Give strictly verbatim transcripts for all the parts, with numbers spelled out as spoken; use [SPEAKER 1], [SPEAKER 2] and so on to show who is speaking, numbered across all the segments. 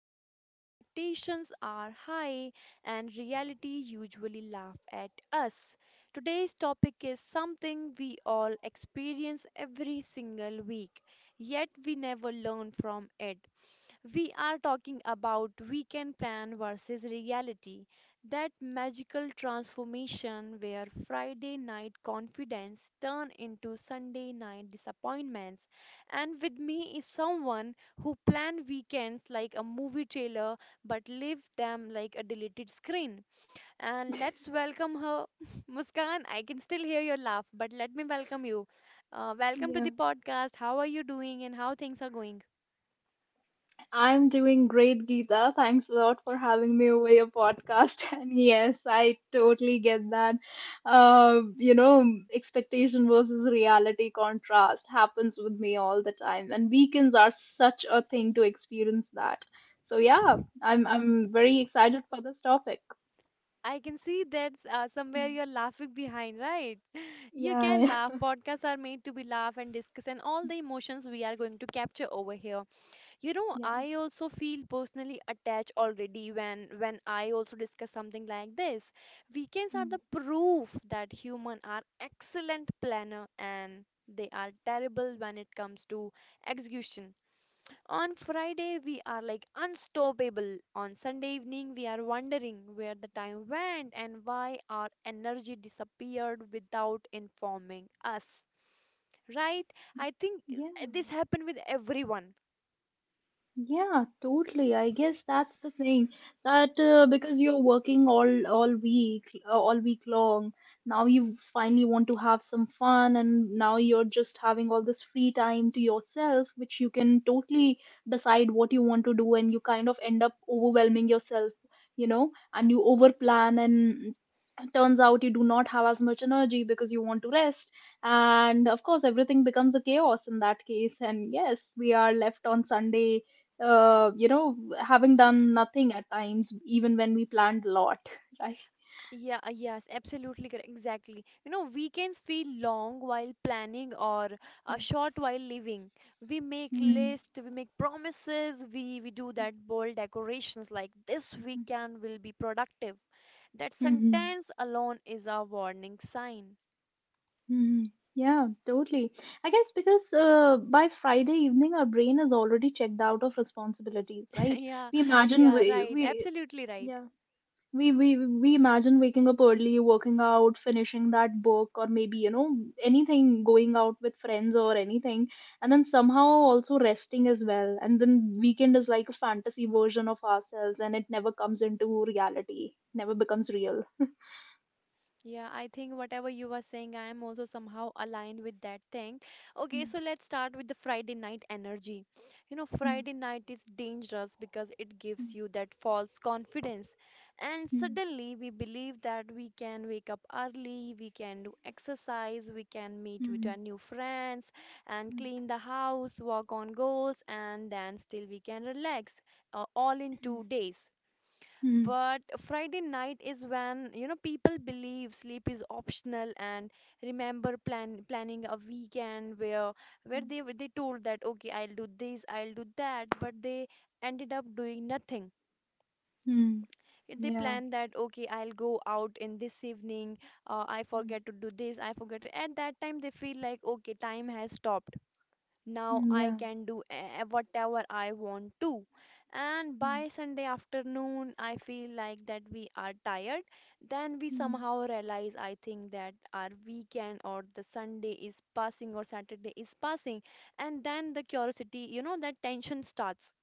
[SPEAKER 1] where expectations are high and reality usually laugh at us. Today's topic is something we all experience every single week, yet we never learn from it. We are talking about weekend plan versus reality, that magical transformation where Friday night confidence turn into Sunday night disappointments. And with me is someone who plan weekends like a movie trailer but live them like a deleted screen. And let's welcome her, Muskan. I can still hear your laugh, but let me welcome you. Uh, welcome to
[SPEAKER 2] Yeah,
[SPEAKER 1] the podcast. How are you doing and how things are going?
[SPEAKER 2] I'm doing great, Geeta. Thanks a lot for having me over your podcast. And yes, I totally get that. Uh, you know, expectation versus reality contrast happens with me all the time, and weekends are such a thing to experience that. So yeah, I'm I'm very excited for this topic.
[SPEAKER 1] I can see that uh, somewhere
[SPEAKER 2] Mm.
[SPEAKER 1] you're laughing behind, right? You can
[SPEAKER 2] Yeah,
[SPEAKER 1] laugh. Podcasts are made to be laugh and discuss, and all the emotions we are going to capture over here. You know,
[SPEAKER 2] yeah,
[SPEAKER 1] I also feel personally attached already when when I also discuss something like this. Weekends are
[SPEAKER 2] Mm.
[SPEAKER 1] the proof that human are excellent planner and they are terrible when it comes to execution. On Friday, we are like unstoppable. On Sunday evening, we are wondering where the time went and why our energy disappeared without informing us. Right? I think uh,
[SPEAKER 2] yeah.
[SPEAKER 1] this happened with everyone.
[SPEAKER 2] Yeah, totally. I guess that's the thing that uh, because you're working all all week, uh, all week long, now you finally want to have some fun, and now you're just having all this free time to yourself, which you can totally decide what you want to do, and you kind of end up overwhelming yourself, you know, and you overplan, and turns out you do not have as much energy because you want to rest, and of course everything becomes a chaos in that case, and yes we are left on Sunday, uh, you know, having done nothing at times, even when we planned a lot, right?
[SPEAKER 1] Yeah, uh, yes, absolutely correct. Exactly. You know, weekends feel long while planning or uh, short while living. We make
[SPEAKER 2] Mm-hmm.
[SPEAKER 1] lists, we make promises, we, we do that bold decorations like this weekend will be productive. That
[SPEAKER 2] Mm-hmm.
[SPEAKER 1] sentence alone is a warning sign.
[SPEAKER 2] Yeah, totally. I guess because uh, by Friday evening, our brain is already checked out of responsibilities, right?
[SPEAKER 1] Yeah,
[SPEAKER 2] We imagine
[SPEAKER 1] yeah,
[SPEAKER 2] we,
[SPEAKER 1] right.
[SPEAKER 2] we,
[SPEAKER 1] Absolutely right.
[SPEAKER 2] yeah. we we we imagine waking up early, working out, finishing that book, or maybe you know anything, going out with friends or anything, and then somehow also resting as well, and then weekend is like a fantasy version of ourselves, and it never comes into reality, never becomes real.
[SPEAKER 1] Yeah, I think whatever you are saying, I am also somehow aligned with that thing. Okay, so let's start with the Friday night energy. You know,
[SPEAKER 2] Mm,
[SPEAKER 1] Friday night is dangerous because it gives
[SPEAKER 2] mm,
[SPEAKER 1] you that false confidence. And
[SPEAKER 2] mm,
[SPEAKER 1] suddenly we believe that we can wake up early, we can do exercise, we can meet with our
[SPEAKER 2] mm,
[SPEAKER 1] new friends, and
[SPEAKER 2] mm,
[SPEAKER 1] clean the house, work on goals, and then still we can relax uh, all in two days.
[SPEAKER 2] mm, mm,
[SPEAKER 1] But Friday night is when, you know, people believe sleep is optional and remember plan planning a weekend where where
[SPEAKER 2] mm,
[SPEAKER 1] they were- they told that okay, I'll do this, I'll do that, but they ended up doing nothing.
[SPEAKER 2] mm, mm,
[SPEAKER 1] They
[SPEAKER 2] yeah.
[SPEAKER 1] planned that okay, I'll go out in this evening, uh, I forget to do this, I forget to, at that time they feel like okay, time has stopped. Now
[SPEAKER 2] Mm,
[SPEAKER 1] I
[SPEAKER 2] yeah.
[SPEAKER 1] can do eh, eh, whatever I want to. And
[SPEAKER 2] Mm,
[SPEAKER 1] by Sunday afternoon, I feel like that we are tired. Then we
[SPEAKER 2] mm,
[SPEAKER 1] somehow realize, I think, that our weekend or the Sunday is passing or Saturday is passing. And then the curiosity, you know, that tension starts.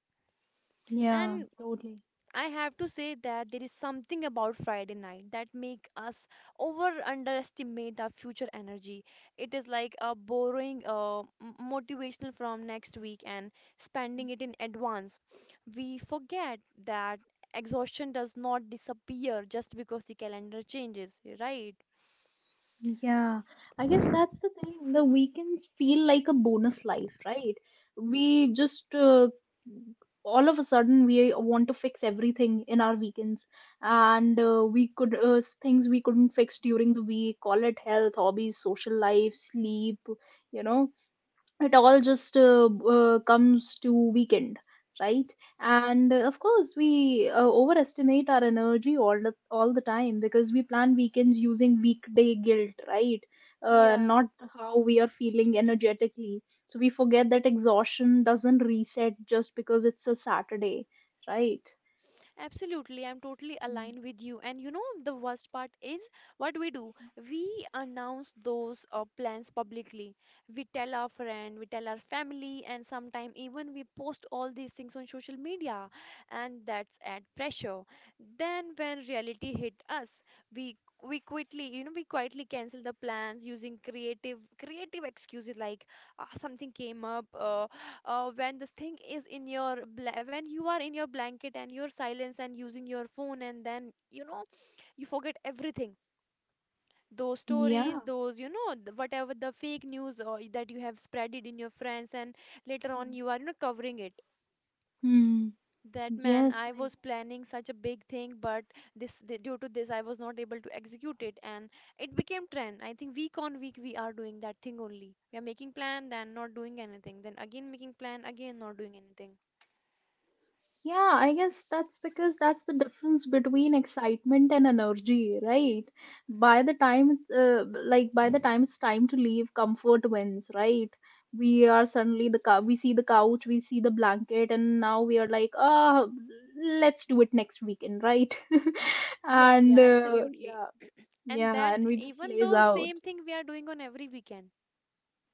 [SPEAKER 2] yeah,
[SPEAKER 1] And
[SPEAKER 2] totally.
[SPEAKER 1] I have to say that there is something about Friday night that make us over underestimate our future energy. It is like uh, borrowing uh, m- motivational from next week and spending it in advance. We forget that exhaustion does not disappear just because the calendar changes, right?
[SPEAKER 2] Yeah, I guess that's the thing. The weekends feel like a bonus life, right? We just uh, all of a sudden we want to fix everything in our weekends, and uh, we could uh, things we couldn't fix during the week. Call it health, hobbies, social life, sleep, you know, it all just uh, uh, comes to weekend, right? And uh, of course we uh, overestimate our energy all the, all the time, because we plan weekends using weekday guilt, right? Uh,
[SPEAKER 1] Yeah.
[SPEAKER 2] not how we are feeling energetically, so we forget that exhaustion doesn't reset just because it's a Saturday, right?
[SPEAKER 1] Absolutely, I'm totally
[SPEAKER 2] Mm.
[SPEAKER 1] aligned with you. And you know, the worst part is what we do. We announce those uh, plans publicly. We tell our friend, we tell our family, and sometimes even we post all these things on social media. And that's add pressure. Then when reality hit us, we we quickly, you know, we quietly cancel the plans using creative creative excuses like uh, something came up, uh, uh, when this thing is in your bla- when you are in your blanket and your silence and using your phone, and then, you know, you forget everything, those
[SPEAKER 2] yeah
[SPEAKER 1] stories, those, you know, th- whatever the fake news or that you have spread it in your friends, and later on
[SPEAKER 2] Mm.
[SPEAKER 1] you are, you know, covering it,
[SPEAKER 2] Hmm.
[SPEAKER 1] that, man,
[SPEAKER 2] Yes,
[SPEAKER 1] I
[SPEAKER 2] right.
[SPEAKER 1] was planning such a big thing, but this th- due to this I was not able to execute it, and it became trend. I think week on week we are doing that thing only. We are making plan then not doing anything, then again making plan again not doing anything.
[SPEAKER 2] Yeah, I guess that's because that's the difference between excitement and energy, right? By the time it's uh, like by the time it's time to leave, comfort wins, right? We are suddenly the cou- we see the couch, we see the blanket, and now we are like, oh, let's do it next weekend, right?
[SPEAKER 1] Yeah,
[SPEAKER 2] and
[SPEAKER 1] yeah,
[SPEAKER 2] uh,
[SPEAKER 1] absolutely.
[SPEAKER 2] yeah,
[SPEAKER 1] And
[SPEAKER 2] yeah,
[SPEAKER 1] that,
[SPEAKER 2] and we just
[SPEAKER 1] even
[SPEAKER 2] lays
[SPEAKER 1] though
[SPEAKER 2] out.
[SPEAKER 1] same thing we are doing on every weekend.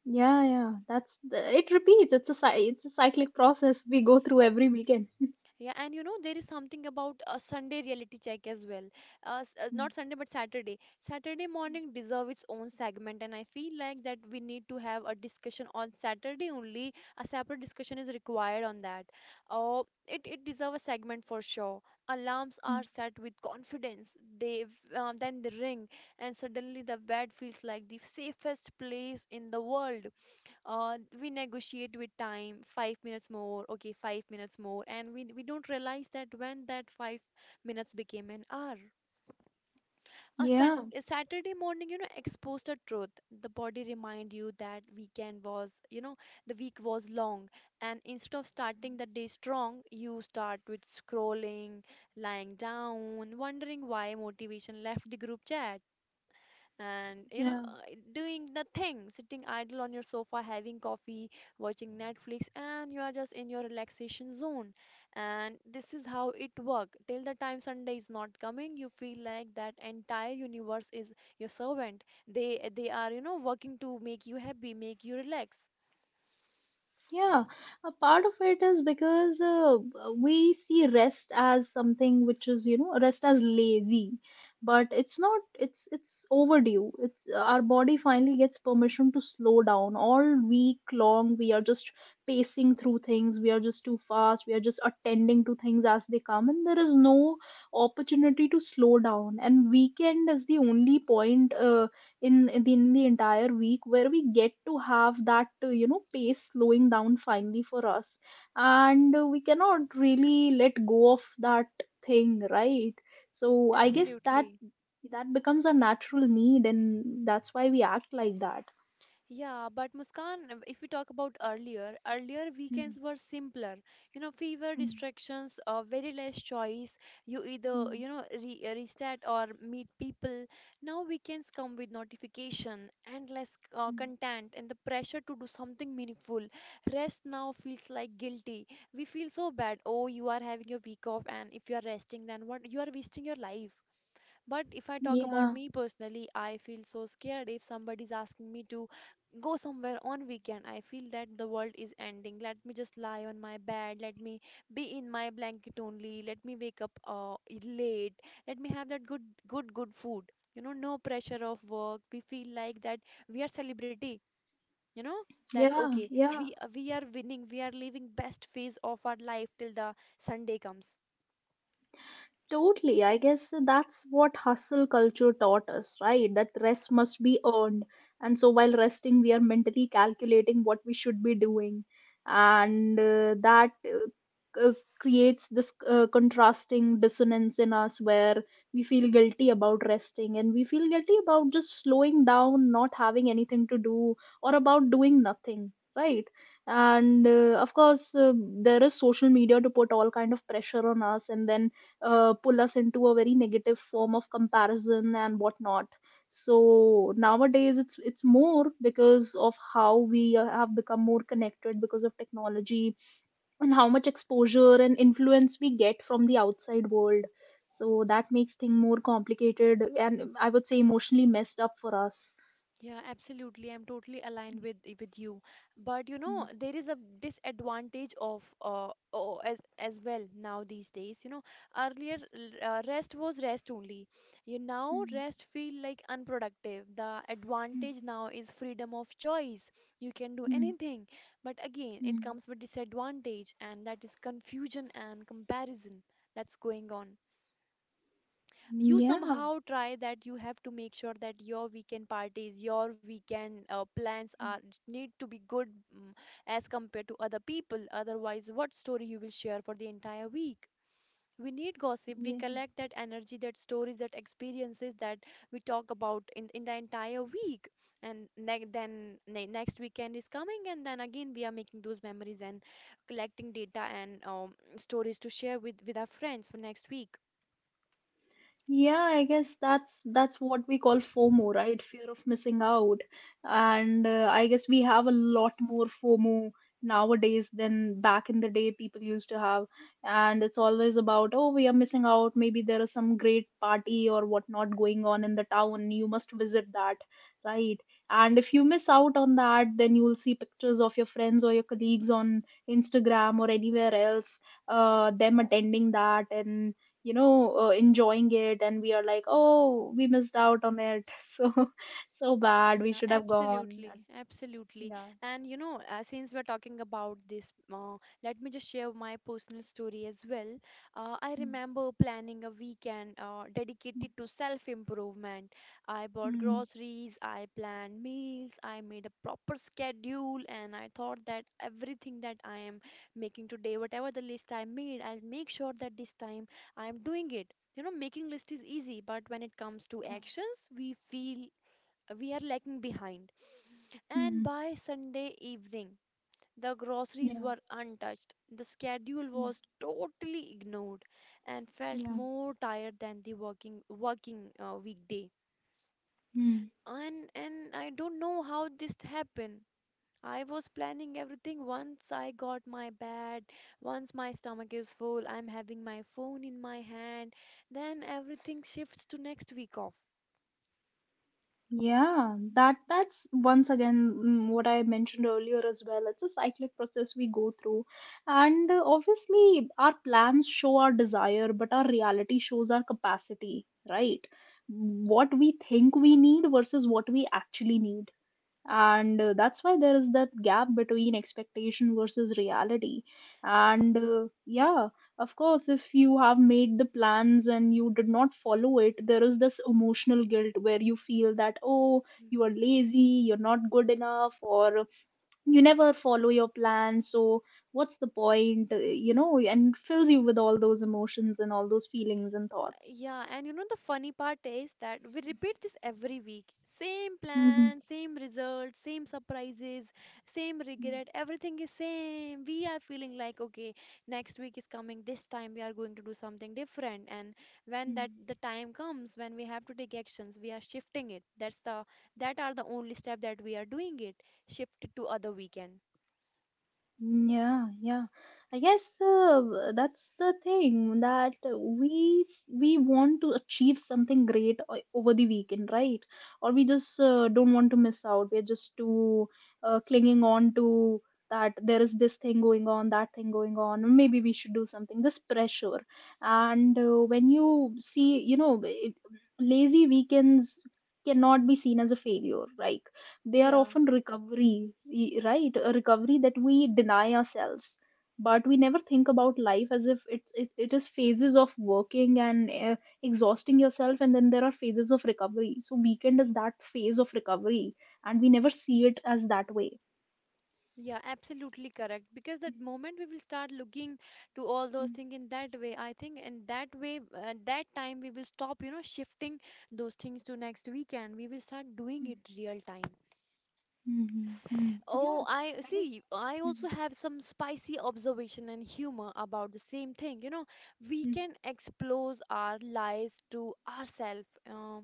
[SPEAKER 2] Yeah, yeah, that's the- it repeats. It's a cy- it's a cyclic process we go through every weekend.
[SPEAKER 1] Yeah, and you know, there is something about a Sunday reality check as well. Uh, s- uh,
[SPEAKER 2] Mm,
[SPEAKER 1] not Sunday, but Saturday. Saturday morning deserve its own segment, and I feel like that we need to have a discussion on Saturday only. A separate discussion is required on that. Oh, it it deserve a segment for sure. Alarms are
[SPEAKER 2] mm.
[SPEAKER 1] set with confidence. They v- uh, then they ring, and suddenly the bed feels like the safest place in the world. Uh, we negotiate with time, five minutes more, okay, five minutes more, and we, we don't realize that when that five minutes became an hour. A,
[SPEAKER 2] Yeah,
[SPEAKER 1] sun, a Saturday morning, you know, expose the truth. The body remind you that weekend was you know the week was long, and instead of starting the day strong, you start with scrolling, lying down wondering why motivation left the group chat. And, you know,
[SPEAKER 2] yeah.
[SPEAKER 1] uh, doing nothing, sitting idle on your sofa, having coffee, watching Netflix, and you are just in your relaxation zone. And this is how it work till the time Sunday is not coming. You feel like that entire universe is your servant. They they are, you know, working to make you happy, make you relax.
[SPEAKER 2] Yeah, a part of it is because uh, we see rest as something which is, you know, rest as lazy, but it's not. It's it's overdue. It's our body finally gets permission to slow down. All week long, we are just pacing through things. We are just too fast. We are just attending to things as they come, and there is no opportunity to slow down. And weekend is the only point. Uh, in in the, in the entire week where we get to have that uh, you know, pace slowing down finally for us. And uh, we cannot really let go of that thing, right? So I guess that
[SPEAKER 1] Absolutely.
[SPEAKER 2] that becomes a natural need, and that's why we act like that.
[SPEAKER 1] Yeah, but Muskan, if we talk about earlier, earlier
[SPEAKER 2] Mm,
[SPEAKER 1] weekends were simpler. You know, fewer
[SPEAKER 2] mm,
[SPEAKER 1] distractions, uh, very less choice. You either,
[SPEAKER 2] mm,
[SPEAKER 1] you know, re restart or meet people. Now weekends come with notification, endless uh,
[SPEAKER 2] mm.
[SPEAKER 1] content, and the pressure to do something meaningful. Rest now feels like guilty. We feel so bad. Oh, you are having your week off, and if you are resting, then what? You are wasting your life. But if I talk about
[SPEAKER 2] yeah
[SPEAKER 1] me personally, I feel so scared if somebody is asking me to go somewhere on weekend. I feel that the world is ending. Let me just lie on my bed. Let me be in my blanket only. Let me wake up uh, late. Let me have that good, good, good food. You know, no pressure of work. We feel like that we are celebrity. You know that
[SPEAKER 2] yeah
[SPEAKER 1] okay,
[SPEAKER 2] yeah
[SPEAKER 1] we we are winning. We are living best phase of our life till the Sunday comes.
[SPEAKER 2] Totally. I guess that's what hustle culture taught us, right? That rest must be earned. And so while resting, we are mentally calculating what we should be doing. And uh, that uh, uh, Creates this uh, contrasting dissonance in us where we feel guilty about resting and we feel guilty about just slowing down, not having anything to do, or about doing nothing, right? And uh, of course, uh, there is social media to put all kind of pressure on us, and then uh, pull us into a very negative form of comparison and whatnot. So nowadays, it's it's more because of how we uh, have become more connected because of technology, and how much exposure and influence we get from the outside world. So that makes things more complicated and I would say emotionally messed up for us.
[SPEAKER 1] Yeah, absolutely. I'm totally aligned with with you. But you
[SPEAKER 2] Mm,
[SPEAKER 1] know, there is a disadvantage of uh, oh, as as well now these days. You know, earlier l- uh, rest was rest only. You now
[SPEAKER 2] mm,
[SPEAKER 1] rest feel like unproductive. The
[SPEAKER 2] mm,
[SPEAKER 1] advantage now is freedom of choice. You can do
[SPEAKER 2] mm,
[SPEAKER 1] anything. But again, it
[SPEAKER 2] mm.
[SPEAKER 1] comes with disadvantage, and that is confusion and comparison that's going on. You somehow try that you have to make sure that your weekend parties, your weekend uh, plans are need to be good, mm, as compared to other people. Otherwise what story you will share for the entire week? We need gossip. We
[SPEAKER 2] Yeah.
[SPEAKER 1] collect that energy, that stories, that experiences that we talk about in, in the entire week. And ne- then ne- next weekend is coming, and then again we are making those memories and collecting data and um, stories to share with with our friends for next week.
[SPEAKER 2] Yeah, I guess that's that's what we call FOMO, right? Fear of missing out. And uh, I guess we have a lot more FOMO nowadays than back in the day people used to have. And it's always about, oh, we are missing out. Maybe there is some great party or whatnot going on in the town. You must visit that, right? And if you miss out on that, then you'll see pictures of your friends or your colleagues on Instagram or anywhere else, uh, them attending that and you know, uh, enjoying it, and we are like, oh, we missed out on it. So so bad, we
[SPEAKER 1] Yeah,
[SPEAKER 2] should have gone and
[SPEAKER 1] absolutely, absolutely.
[SPEAKER 2] yeah.
[SPEAKER 1] And you know, uh, since we're talking about this, uh, let me just share my personal story as well. Uh, I
[SPEAKER 2] mm
[SPEAKER 1] remember planning a weekend uh,
[SPEAKER 2] mm,
[SPEAKER 1] dedicated to self-improvement. I bought
[SPEAKER 2] mm,
[SPEAKER 1] groceries, I planned meals, I made a proper schedule, and I thought that everything that I am making today, whatever the list I made, I'll make sure that this time I'm doing it. You know, making list is easy, but when it comes to
[SPEAKER 2] yeah
[SPEAKER 1] actions, we feel we are lagging behind. And
[SPEAKER 2] mm,
[SPEAKER 1] by Sunday evening, the groceries
[SPEAKER 2] yeah
[SPEAKER 1] were untouched. The schedule
[SPEAKER 2] yeah
[SPEAKER 1] was totally ignored and felt
[SPEAKER 2] yeah
[SPEAKER 1] more tired than the working working uh, weekday.
[SPEAKER 2] mm.
[SPEAKER 1] And and I don't know how this happened. I was planning everything. Once I got my bed, once my stomach is full, I'm having my phone in my hand, then everything shifts to next week off.
[SPEAKER 2] Yeah, that that's once again, mm, what I mentioned earlier as well. It's a cyclic process we go through, and uh, obviously our plans show our desire, but our reality shows our capacity, right? What we think we need versus what we actually need. And uh, that's why there is that gap between expectation versus reality. And uh, yeah, of course if you have made the plans and you did not follow it, there is this emotional guilt where you feel that, oh, you are lazy, you're not good enough, or you never follow your plan, so what's the point? Uh, you know, and it fills you with all those emotions and all those feelings and thoughts.
[SPEAKER 1] Yeah, and you know the funny part is that we repeat this every week. Same plan, same result, same surprises, same regret, everything is same. We are feeling like okay, next week is coming, this time we are going to do something different. And when that the time comes when we have to take actions, we are shifting it. That's the that are the only step that we are doing it. Shift it to other weekend.
[SPEAKER 2] Mm, Yeah, yeah. I guess uh, that's the thing that we s- we want to achieve something great o- over the weekend, right? Or we just uh, don't want to miss out. We're just too uh, clinging on to that there is this thing going on, that thing going on, and maybe we should do something. This pressure, and uh, when you see, you know, it, lazy weekends cannot be seen as a failure. Like, they are
[SPEAKER 1] Yeah.
[SPEAKER 2] often recovery, y- right, a recovery that we deny ourselves. But we never think about life as if it's it, it is phases of working and uh, exhausting yourself, and then there are phases of recovery. So weekend is that phase of recovery, and we never see it as that way.
[SPEAKER 1] Yeah, absolutely correct. Because that moment we will start looking to all those things in that way, I think in that way, at that time we will stop, you know, shifting those things to next weekend. We will start doing it real time.
[SPEAKER 2] Mm-hmm.
[SPEAKER 1] Oh,
[SPEAKER 2] yeah
[SPEAKER 1] I
[SPEAKER 2] I guess
[SPEAKER 1] see. I also have some spicy observation and humor about the same thing. You know, we can expose our lies to ourselves. Uh,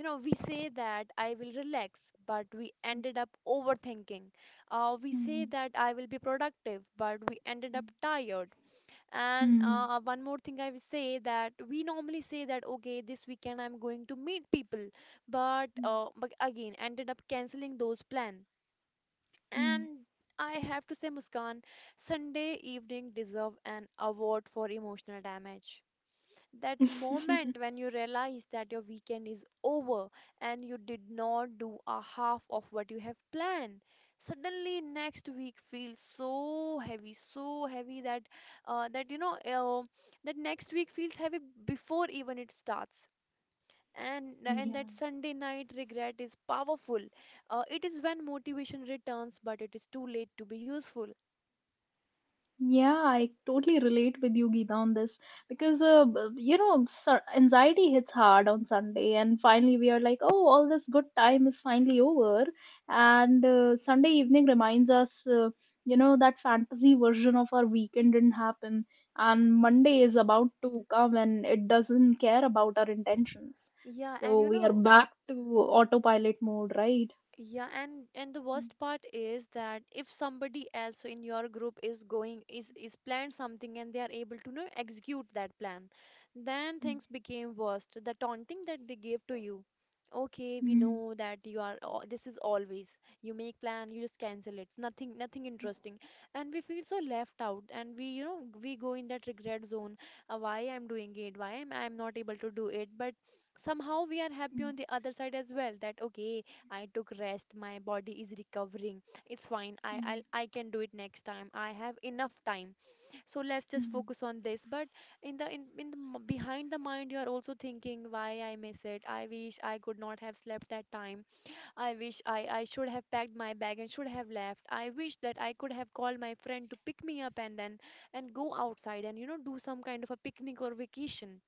[SPEAKER 1] You know, we say that I will relax, but we ended up overthinking. Uh, we
[SPEAKER 2] Mhm.
[SPEAKER 1] say
[SPEAKER 2] Mhm.
[SPEAKER 1] that I will be productive, but we ended up tired. And
[SPEAKER 2] Mhm.
[SPEAKER 1] uh, one more thing I will say that we normally say that, okay, this weekend I'm going to meet people, but,
[SPEAKER 2] Mhm.
[SPEAKER 1] uh, but again, ended up canceling those plans.
[SPEAKER 2] Mhm.
[SPEAKER 1] And I have to say, Muskan, Sunday evening deserve an award for emotional damage. That moment when you realize that your weekend is over and you did not do a half of what you have planned. Suddenly next week feels so heavy, so heavy that uh, that you know uh, that next week feels heavy before even it starts. And and
[SPEAKER 2] yeah
[SPEAKER 1] that Sunday night regret is powerful. Uh, it is when motivation returns but it is too late to be useful.
[SPEAKER 2] Yeah, I totally relate with you, Geeta, on this, because uh, b- you know, sur- anxiety hits hard on Sunday, and finally we are like, oh, all this good time is finally over. And uh, Sunday evening reminds us, uh, you know, that fantasy version of our weekend didn't happen, and Monday is about to come, and it doesn't care about our intentions,
[SPEAKER 1] Yeah, and
[SPEAKER 2] so
[SPEAKER 1] you
[SPEAKER 2] we are
[SPEAKER 1] know,
[SPEAKER 2] back to autopilot mode, right?
[SPEAKER 1] yeah, and and the
[SPEAKER 2] Mm,
[SPEAKER 1] worst part is that if somebody else in your group is going is is planned something and they are able to, you know, execute that plan, then things became worst. The taunting that they gave to you. Okay, we
[SPEAKER 2] mm,
[SPEAKER 1] know that you are al- this is always you make plan, you just cancel it. It's nothing nothing interesting. And we feel so left out, and we, you know, we go in that regret zone. Uh, why I'm doing it? Why am I'm not able to do it? But somehow we are happy
[SPEAKER 2] mm,
[SPEAKER 1] on the other side as well that okay, I took rest. My body is recovering. It's fine. I
[SPEAKER 2] mm,
[SPEAKER 1] I'll, I can do it next time. I have enough time. So let's
[SPEAKER 2] mm,
[SPEAKER 1] just
[SPEAKER 2] mm,
[SPEAKER 1] focus on this. But in the in, in the m- behind the mind, you are also thinking why I miss it. I wish I could not have slept that time. I wish I I should have packed my bag and should have left. I wish that I could have called my friend to pick me up and then and go outside and, you know, do some kind of a picnic or vacation.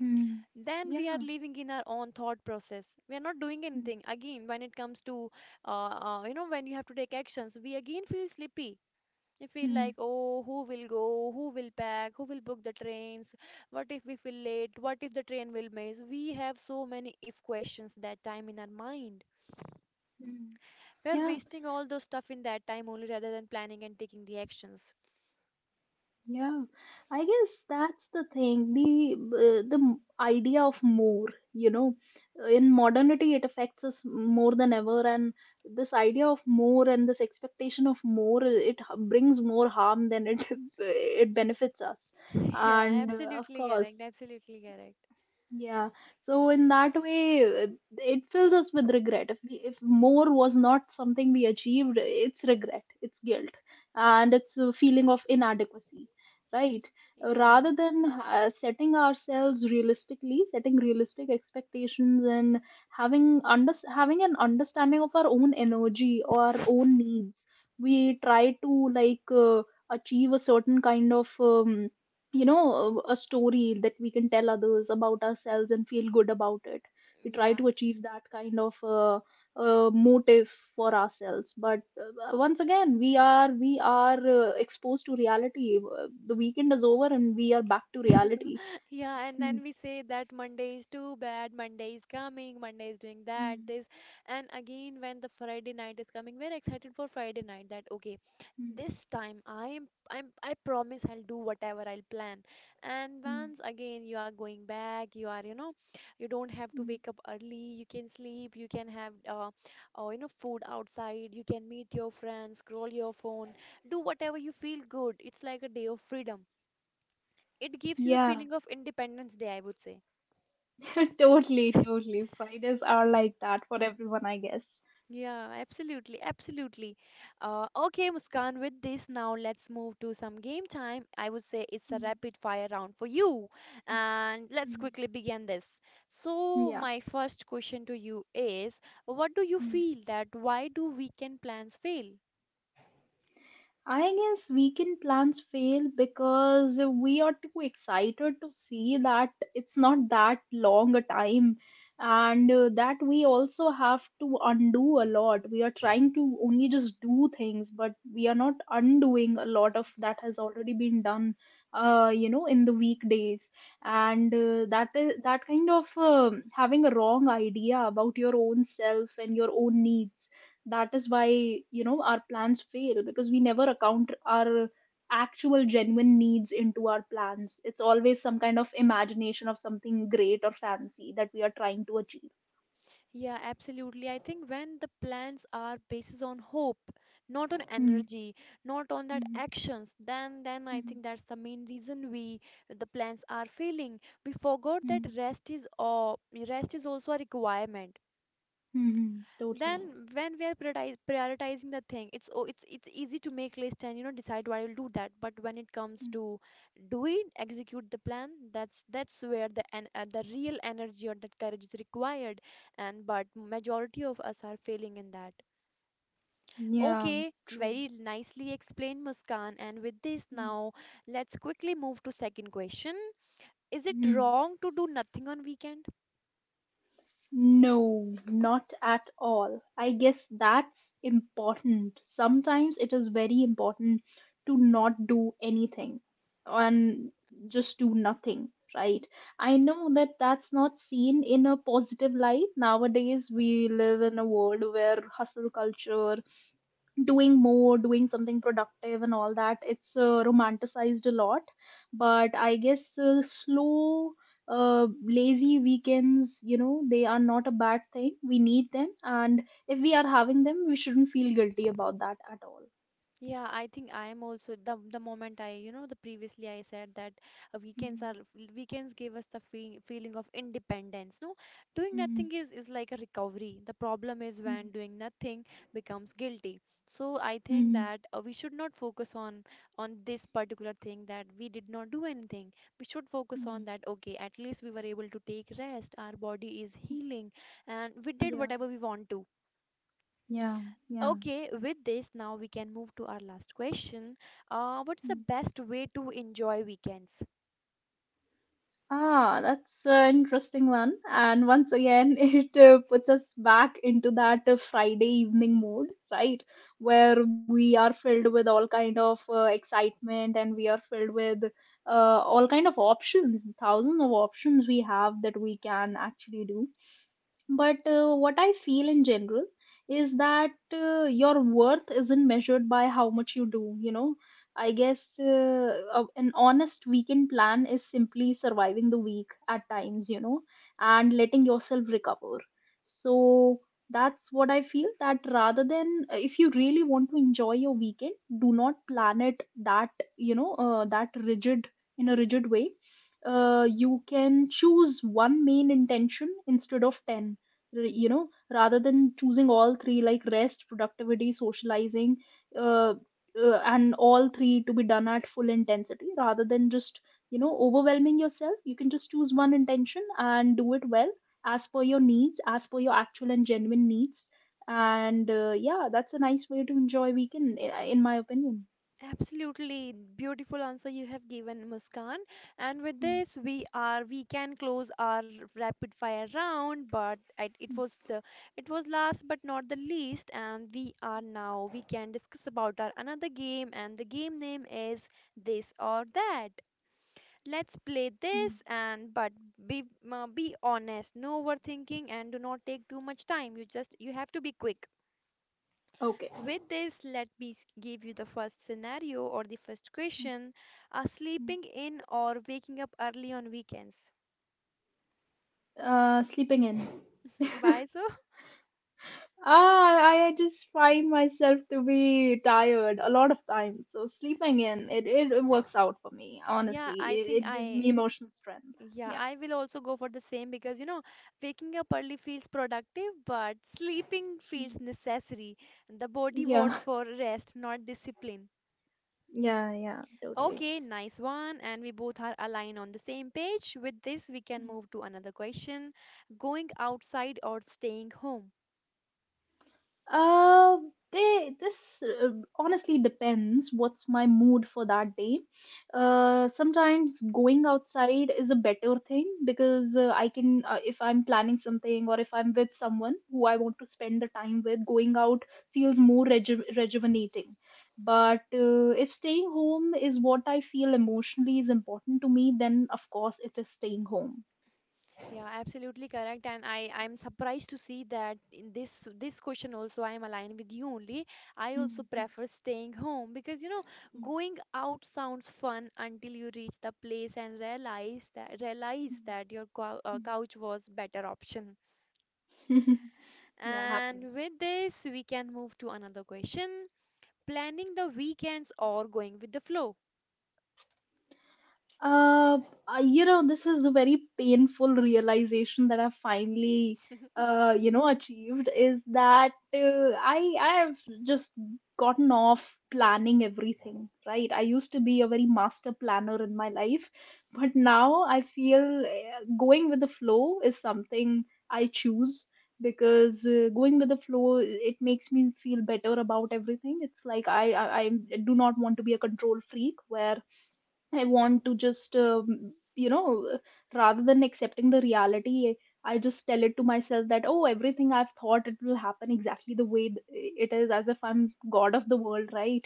[SPEAKER 2] mm.
[SPEAKER 1] Then we are
[SPEAKER 2] Yeah.
[SPEAKER 1] living in our own thought process. We are not doing anything again when it comes to uh, uh, you know, when you have to take actions, we again feel sleepy. We feel
[SPEAKER 2] Mm,
[SPEAKER 1] like, oh, who will go, who will pack, who will book the trains, what if we feel late, what if the train will miss? We have so many if questions that time in our mind.
[SPEAKER 2] mm.
[SPEAKER 1] We are
[SPEAKER 2] Yeah,
[SPEAKER 1] wasting all those stuff in that time only rather than planning and taking the actions.
[SPEAKER 2] yeah. I guess that's the thing. The uh, the m- idea of more, you know, in modernity it affects us more than ever, and this idea of more and this expectation of more, it h- brings more harm than it it benefits us.
[SPEAKER 1] Yeah,
[SPEAKER 2] And uh, of
[SPEAKER 1] absolutely
[SPEAKER 2] course.
[SPEAKER 1] correct, absolutely correct.
[SPEAKER 2] Yeah, so in that way, uh, it fills us with regret. If we, if more was not something we achieved, it's regret, it's guilt, and it's a feeling of inadequacy, right? Uh,
[SPEAKER 1] Yeah,
[SPEAKER 2] Rather than uh, setting ourselves realistically, setting realistic expectations, and having under having an understanding of our own energy or our own needs, we try to like uh, achieve a certain kind of um, you know, a story that we can tell others about ourselves and feel good about it. We try
[SPEAKER 1] yeah.
[SPEAKER 2] to achieve that kind of uh, uh, motive for ourselves. But uh, once again we are we are uh, exposed to reality. Uh, the weekend is over and we are back to reality.
[SPEAKER 1] Yeah, and
[SPEAKER 2] Hmm,
[SPEAKER 1] then we say that Monday is too bad, Monday is coming, Monday is doing that,
[SPEAKER 2] hmm,
[SPEAKER 1] this. And again, when the Friday night is coming, we're excited for Friday night that okay,
[SPEAKER 2] hmm,
[SPEAKER 1] this time I'm I'm I promise I'll do whatever I'll plan. And
[SPEAKER 2] hmm,
[SPEAKER 1] once again you are going back, you are, you know, you don't have to
[SPEAKER 2] hmm.
[SPEAKER 1] wake up early, you can sleep, you can have uh, uh you know food outside, you can meet your friends, scroll your phone, do whatever you feel good. It's like a day of freedom. It gives you the
[SPEAKER 2] Yeah,
[SPEAKER 1] feeling of Independence Day, I would say.
[SPEAKER 2] totally, totally. Fridays are like that for everyone, I guess.
[SPEAKER 1] Yeah, absolutely, absolutely. Uh, okay, Muskan, with this now let's move to some game time. I would say it's a
[SPEAKER 2] Yeah
[SPEAKER 1] rapid fire round for you.
[SPEAKER 2] Hmm,
[SPEAKER 1] And let's
[SPEAKER 2] hmm.
[SPEAKER 1] quickly begin this. So,
[SPEAKER 2] yeah
[SPEAKER 1] my first question to you is, what do you
[SPEAKER 2] hmm.
[SPEAKER 1] feel that why do weekend plans fail?
[SPEAKER 2] I guess weekend plans fail because we are too excited to see that it's not that long a time, and uh, that we also have to undo a lot. We are trying to only just do things, but we are not undoing a lot of that has already been done, uh, you know, in the weekdays. And uh, that is that kind of um having a wrong idea about your own self and your own needs. That is why, you know, our plans fail, because we never account our actual genuine needs into our plans. It's always some kind of imagination of something great or fancy that we are trying to achieve.
[SPEAKER 1] Yeah, absolutely. I think when the plans are based on hope, not on
[SPEAKER 2] Hmm
[SPEAKER 1] energy, not on that
[SPEAKER 2] hmm
[SPEAKER 1] actions, then then I
[SPEAKER 2] hmm
[SPEAKER 1] think that's the main reason we the plans are failing. We forgot that
[SPEAKER 2] hmm
[SPEAKER 1] rest is uh, rest is also a requirement.
[SPEAKER 2] hmm hmm, totally
[SPEAKER 1] Then when we are prioritize, prioritizing the thing, it's o- it's it's easy to make list and, you know, decide what you'll do that, but when it comes to do it execute the plan, that's that's where the en- uh, the real energy or that courage is required. And but majority of us are failing in that.
[SPEAKER 2] Hmm. Yeah.
[SPEAKER 1] Okay,
[SPEAKER 2] True.
[SPEAKER 1] very nicely explained, Muskan. And with this
[SPEAKER 2] Hmm,
[SPEAKER 1] now, let's quickly move to second question. Is it
[SPEAKER 2] hmm.
[SPEAKER 1] wrong to do nothing on weekend?
[SPEAKER 2] No, not at all. I guess that's important. Sometimes it is very important to not do anything and just do nothing, right? I know that that's not seen in a positive light. Nowadays, we live in a world where hustle culture doing more doing something productive and all that, it's uh, romanticized a lot. But I guess uh, slow, uh, lazy weekends, you know they are not a bad thing. We need them, and if we are having them, we shouldn't feel guilty about that at all.
[SPEAKER 1] Yeah, I think I am also the the moment I, you know, the previously I said that uh, weekends
[SPEAKER 2] Mm-hmm.
[SPEAKER 1] are weekends give us the fe feeling of independence. No, doing
[SPEAKER 2] Mm-hmm.
[SPEAKER 1] nothing is is like a recovery. The problem is
[SPEAKER 2] Mm-hmm.
[SPEAKER 1] when doing nothing becomes guilty. So I think
[SPEAKER 2] Mm-hmm.
[SPEAKER 1] that uh, we should not focus on on this particular thing that we did not do anything. We should focus
[SPEAKER 2] Mm-hmm.
[SPEAKER 1] on that, okay, at least we were able to take rest, our body is healing, and we did
[SPEAKER 2] Yeah,
[SPEAKER 1] whatever we want to.
[SPEAKER 2] yeah, yeah.
[SPEAKER 1] Okay, with this, now we can move to our last question. Uh, what is the best way to enjoy weekends?
[SPEAKER 2] Ah, that's an interesting one. And once again, it uh, puts us back into that uh, Friday evening mode, right? Where we are filled with all kind of uh, excitement, and we are filled with uh, all kind of options, thousands of options we have that we can actually do. But uh, what I feel in general is that uh, your worth isn't measured by how much you do, you know. I guess uh, a- an honest weekend plan is simply surviving the week at times, you know, and letting yourself recover. So that's what I feel, that rather than uh, if you really want to enjoy your weekend, do not plan it that, you know, uh, that rigid in a rigid way. Uh, you can choose one main intention instead of ten, r- you know rather than choosing all three, like rest, productivity, socializing, uh, uh, and all three to be done at full intensity, rather than just you know overwhelming yourself. You can just choose one intention and do it well, as per your needs, as per your actual and genuine needs. And uh, yeah, that's a nice way to enjoy weekend, i- in my opinion.
[SPEAKER 1] Absolutely beautiful answer you have given, Muskan. And with
[SPEAKER 2] Mm,
[SPEAKER 1] this, we are we can close our rapid fire round, but it, it was
[SPEAKER 2] mm,
[SPEAKER 1] the it was last but not the least, and we are now we can discuss about our another game, and the game name is this or that. Let's play
[SPEAKER 2] mm.
[SPEAKER 1] this and but be uh, be honest, no overthinking and do not take too much time. You just you have to be quick.
[SPEAKER 2] Okay.
[SPEAKER 1] With this, let me s- give you the first scenario or the first
[SPEAKER 2] Mm,
[SPEAKER 1] question. Uh,
[SPEAKER 2] mm.
[SPEAKER 1] sleeping in or waking up early on weekends.
[SPEAKER 2] Uh sleeping in.
[SPEAKER 1] Why so?
[SPEAKER 2] Ah, I just find myself to be tired a lot of times. So sleeping in, it, it, it works out for me,
[SPEAKER 1] Yeah,
[SPEAKER 2] honestly.
[SPEAKER 1] I
[SPEAKER 2] It,
[SPEAKER 1] think
[SPEAKER 2] it gives
[SPEAKER 1] I
[SPEAKER 2] me emotional strength.
[SPEAKER 1] yeah,
[SPEAKER 2] Yeah.
[SPEAKER 1] I will also go for the same because you know, waking up early feels productive, but sleeping feels
[SPEAKER 2] Mm.
[SPEAKER 1] necessary. The body
[SPEAKER 2] Yeah.
[SPEAKER 1] wants for rest, not discipline.
[SPEAKER 2] Yeah, yeah, totally.
[SPEAKER 1] Okay, nice one. And we both are aligned on the same page. With this, we can move to another question. Going outside or staying home?
[SPEAKER 2] Uh, they this uh, Honestly depends what's my mood for that day. Uh, sometimes going outside is a better thing because uh, I can, uh, if I'm planning something or if I'm with someone who I want to spend the time with, going out feels more reju rejuvenating. But uh, if staying home is what I feel emotionally is important to me, then of course it is staying home.
[SPEAKER 1] Yeah, absolutely correct. And I, I'm surprised to see that in this this question also I am aligned with you only. I also prefer staying home because you know going out sounds fun until you reach the place and realize that realize that your cou- uh, couch was better option.
[SPEAKER 2] Yeah,
[SPEAKER 1] And
[SPEAKER 2] happens.
[SPEAKER 1] with this we can move to another question. Planning the weekends or going with the flow.
[SPEAKER 2] Uh, uh, you know, this is a very painful realization that I finally, uh, you know, achieved, is that uh, I I have just gotten off planning everything, right? I used to be a very master planner in my life, but now I feel uh, going with the flow is something I choose, because uh, going with the flow, it makes me feel better about everything. It's like I I, I do not want to be a control freak, where I want to just, um, you know, rather than accepting the reality, I just tell it to myself that, oh, everything I've thought, it will happen exactly the way th- it is, as if I'm God of the world, right?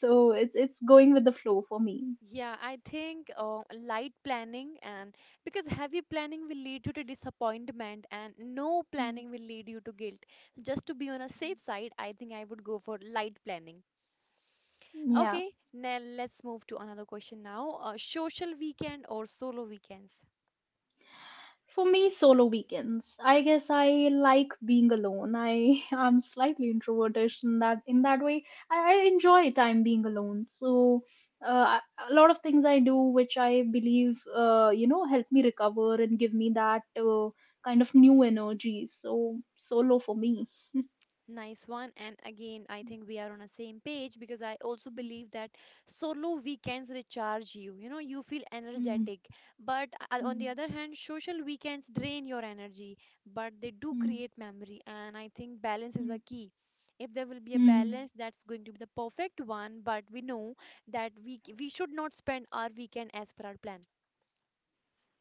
[SPEAKER 2] So it's, it's going with the flow for me.
[SPEAKER 1] Yeah, I think uh, light planning and because heavy planning will lead you to disappointment and no
[SPEAKER 2] Hmm.
[SPEAKER 1] planning will lead you to guilt. Just to be on a safe side, I think I would go for light planning.
[SPEAKER 2] Yeah.
[SPEAKER 1] Okay, now let's move to another question now. Uh, social weekend or solo weekends?
[SPEAKER 2] For me, solo weekends. I guess I like being alone. I am slightly introvertish in that in that way. I, I enjoy time being alone. So uh, I- a lot of things I do, which I believe, uh, you know, help me recover and give me that uh, kind of new energy. So solo for me.
[SPEAKER 1] Nice one. And again, I think we are on the same page because I also believe that solo weekends recharge you. You know, you feel
[SPEAKER 2] Mm,
[SPEAKER 1] energetic. But uh, on
[SPEAKER 2] mm,
[SPEAKER 1] the other hand, social weekends drain your energy, but they do
[SPEAKER 2] mm,
[SPEAKER 1] create memory. And I think balance is
[SPEAKER 2] mm,
[SPEAKER 1] a key. If there will be a
[SPEAKER 2] mm,
[SPEAKER 1] balance, that's going to be the perfect one. But we know that we we should not spend our weekend as per our plan.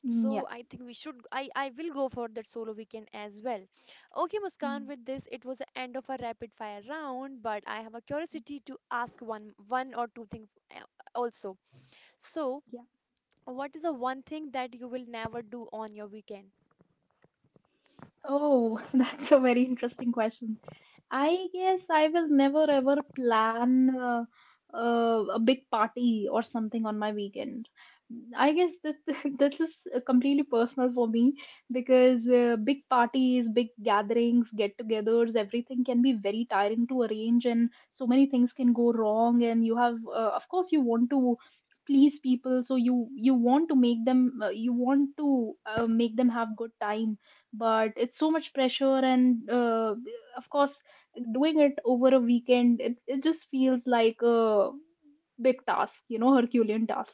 [SPEAKER 2] mm.
[SPEAKER 1] So
[SPEAKER 2] Yeah.
[SPEAKER 1] I think we should I I will go for that solo weekend as well. Okay, Muskan,
[SPEAKER 2] Mm.
[SPEAKER 1] with this it was the end of our rapid fire round, but I have a curiosity to ask one one or two things uh, also. So,
[SPEAKER 2] Yeah.
[SPEAKER 1] what is the one thing that you will never do on your weekend?
[SPEAKER 2] Oh, that's a very interesting question. I guess I will never ever plan uh, uh, a big party or something on my weekend. I guess this this is uh, completely personal for me, because uh, big parties, big gatherings, get-togethers, everything can be very tiring to arrange, and so many things can go wrong. And you have, uh, of course, you want to please people, so you you want to make them, uh, you want to uh, make them have good time, but it's so much pressure and. Uh, of course, doing it over a weekend, it, it just feels like a big task, you know herculean task.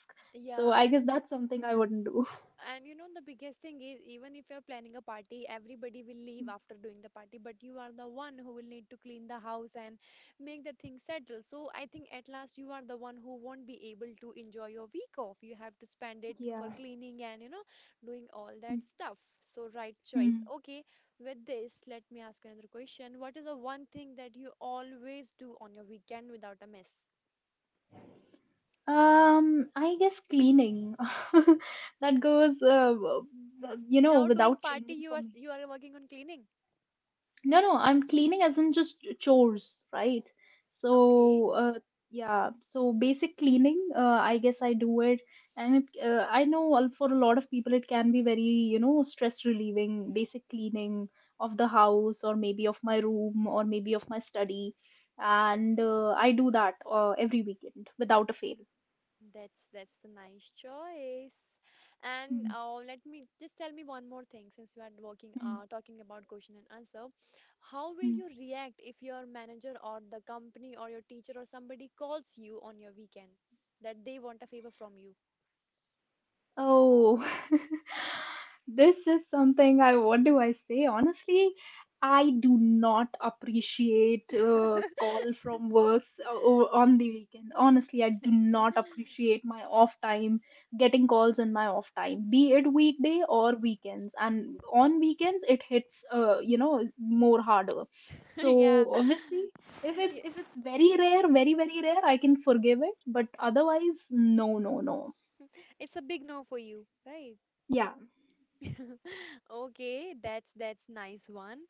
[SPEAKER 2] So
[SPEAKER 1] Yeah,
[SPEAKER 2] I
[SPEAKER 1] and
[SPEAKER 2] guess that's something I wouldn't do.
[SPEAKER 1] And you know, the biggest thing is even if you're planning a party, everybody will leave after doing the party, but you are the one who will need to clean the house and make the thing settle. So I think at last you are the one who won't be able to enjoy your week off. You have to spend it for
[SPEAKER 2] Yeah.
[SPEAKER 1] cleaning and, you know, doing all that stuff. So, right choice.
[SPEAKER 2] Mhm.
[SPEAKER 1] Okay, with this, let me ask you another question. What is the one thing that you always do on your weekend without a miss?
[SPEAKER 2] um I guess cleaning. That goes uh, w- w- you know
[SPEAKER 1] Without doing
[SPEAKER 2] without
[SPEAKER 1] party,
[SPEAKER 2] changing
[SPEAKER 1] you
[SPEAKER 2] for
[SPEAKER 1] are
[SPEAKER 2] me.
[SPEAKER 1] you are working on cleaning.
[SPEAKER 2] No, no, I'm cleaning as in just chores, right?
[SPEAKER 1] Okay.
[SPEAKER 2] So, uh, yeah, so basic cleaning, uh, I guess I do it. And it, uh, I know, al- for a lot of people, it can be very, you know, stress relieving, basic cleaning of the house or maybe of my room or maybe of my study. And uh, I do that uh, every weekend without a fail.
[SPEAKER 1] That's that's the nice choice. And
[SPEAKER 2] Mhm,
[SPEAKER 1] uh, let me just tell me one more thing since we are working
[SPEAKER 2] mhm,
[SPEAKER 1] uh, talking about question and answer. How will
[SPEAKER 2] mhm.
[SPEAKER 1] you react if your manager or the company or your teacher or somebody calls you on your weekend that they want a favor from you?
[SPEAKER 2] Oh, this is something I, what do I say? Honestly, I do not appreciate uh, call from works uh, o- on the weekend. Honestly, I do not appreciate my off time, getting calls in my off time, be it weekday or weekends. And on weekends, it hits, uh, you know, more harder.
[SPEAKER 1] Yeah.
[SPEAKER 2] So obviously, if it's
[SPEAKER 1] Yeah,
[SPEAKER 2] if it's very rare, very very rare, I can forgive it. But otherwise, no, no, no.
[SPEAKER 1] it's a big no for you, right?
[SPEAKER 2] Yeah.
[SPEAKER 1] Okay, that's that's nice one.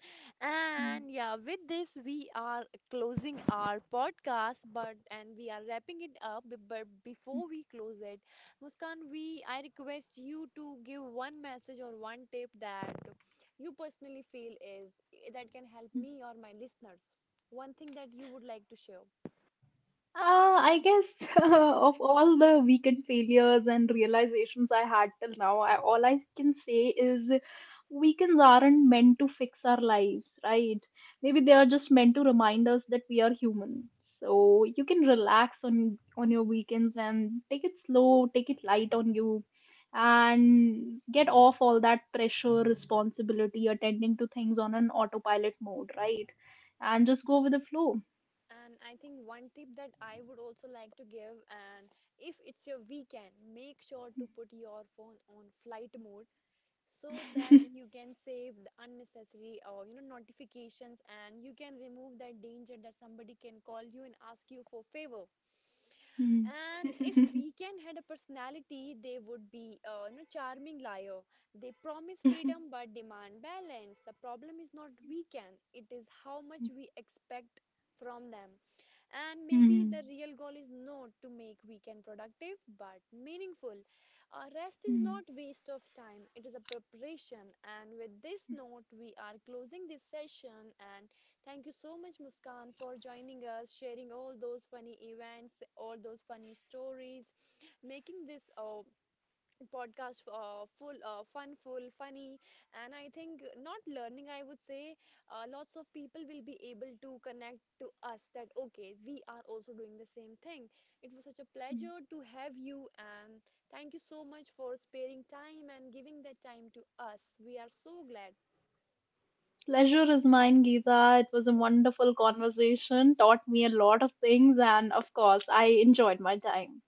[SPEAKER 2] Hmm.
[SPEAKER 1] And yeah, with this we are closing our podcast, but and we are wrapping it up. b- But before we close it, Muskan, we I request you to give one message or one tip that you personally feel is eh, that can help me or my listeners. One thing that you would like to share.
[SPEAKER 2] Uh, I guess of all the weekend failures and realizations I had till now, I, all I can say is, weekends aren't meant to fix our lives, right? Maybe they are just meant to remind us that we are human. So you can relax on on your weekends and take it slow, take it light on you, and get off all that pressure, responsibility, attending to things on an autopilot mode, right? And just go with the flow.
[SPEAKER 1] And I think one tip that I would also like to give, and if it's your weekend, make sure to put your phone on flight mode so that you can save the unnecessary or you know notifications and you can remove that danger that somebody can call you and ask you for favor.
[SPEAKER 2] Mm.
[SPEAKER 1] And if weekend had a personality, they would be a you know charming liar. They promise freedom but demand balance. The problem is not weekend, it is how much we expect from them, and maybe
[SPEAKER 2] Mm.
[SPEAKER 1] the real goal is not to make weekend productive but meaningful. Uh, rest is
[SPEAKER 2] Mm.
[SPEAKER 1] not waste of time, it is a preparation. And with this note we are closing this session, and thank you so much Muskan for joining us, sharing all those funny events, all those funny stories, making this uh, podcast uh, full uh, fun full funny, and I think not learning I would say, uh, lots of people will be able to connect to us that okay we are also doing the same thing. It was such a pleasure to have you, and thank you so much for sparing time and giving that time to us. We are so glad.
[SPEAKER 2] Pleasure is mine, Geeta. It was a wonderful conversation, taught me a lot of things, and of course, I enjoyed my time.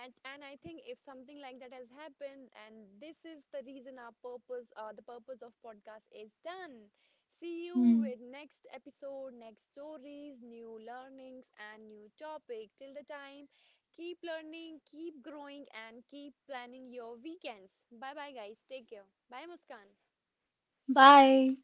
[SPEAKER 1] and and I think if something like that has happened, and this is the reason our purpose uh, the purpose of podcast is done. See you
[SPEAKER 2] Mm.
[SPEAKER 1] with next episode, next stories, new learnings, and new topic. Till the time, keep learning, keep growing, and keep planning your weekends. Bye bye guys, take care, bye Muskan.
[SPEAKER 2] Bye.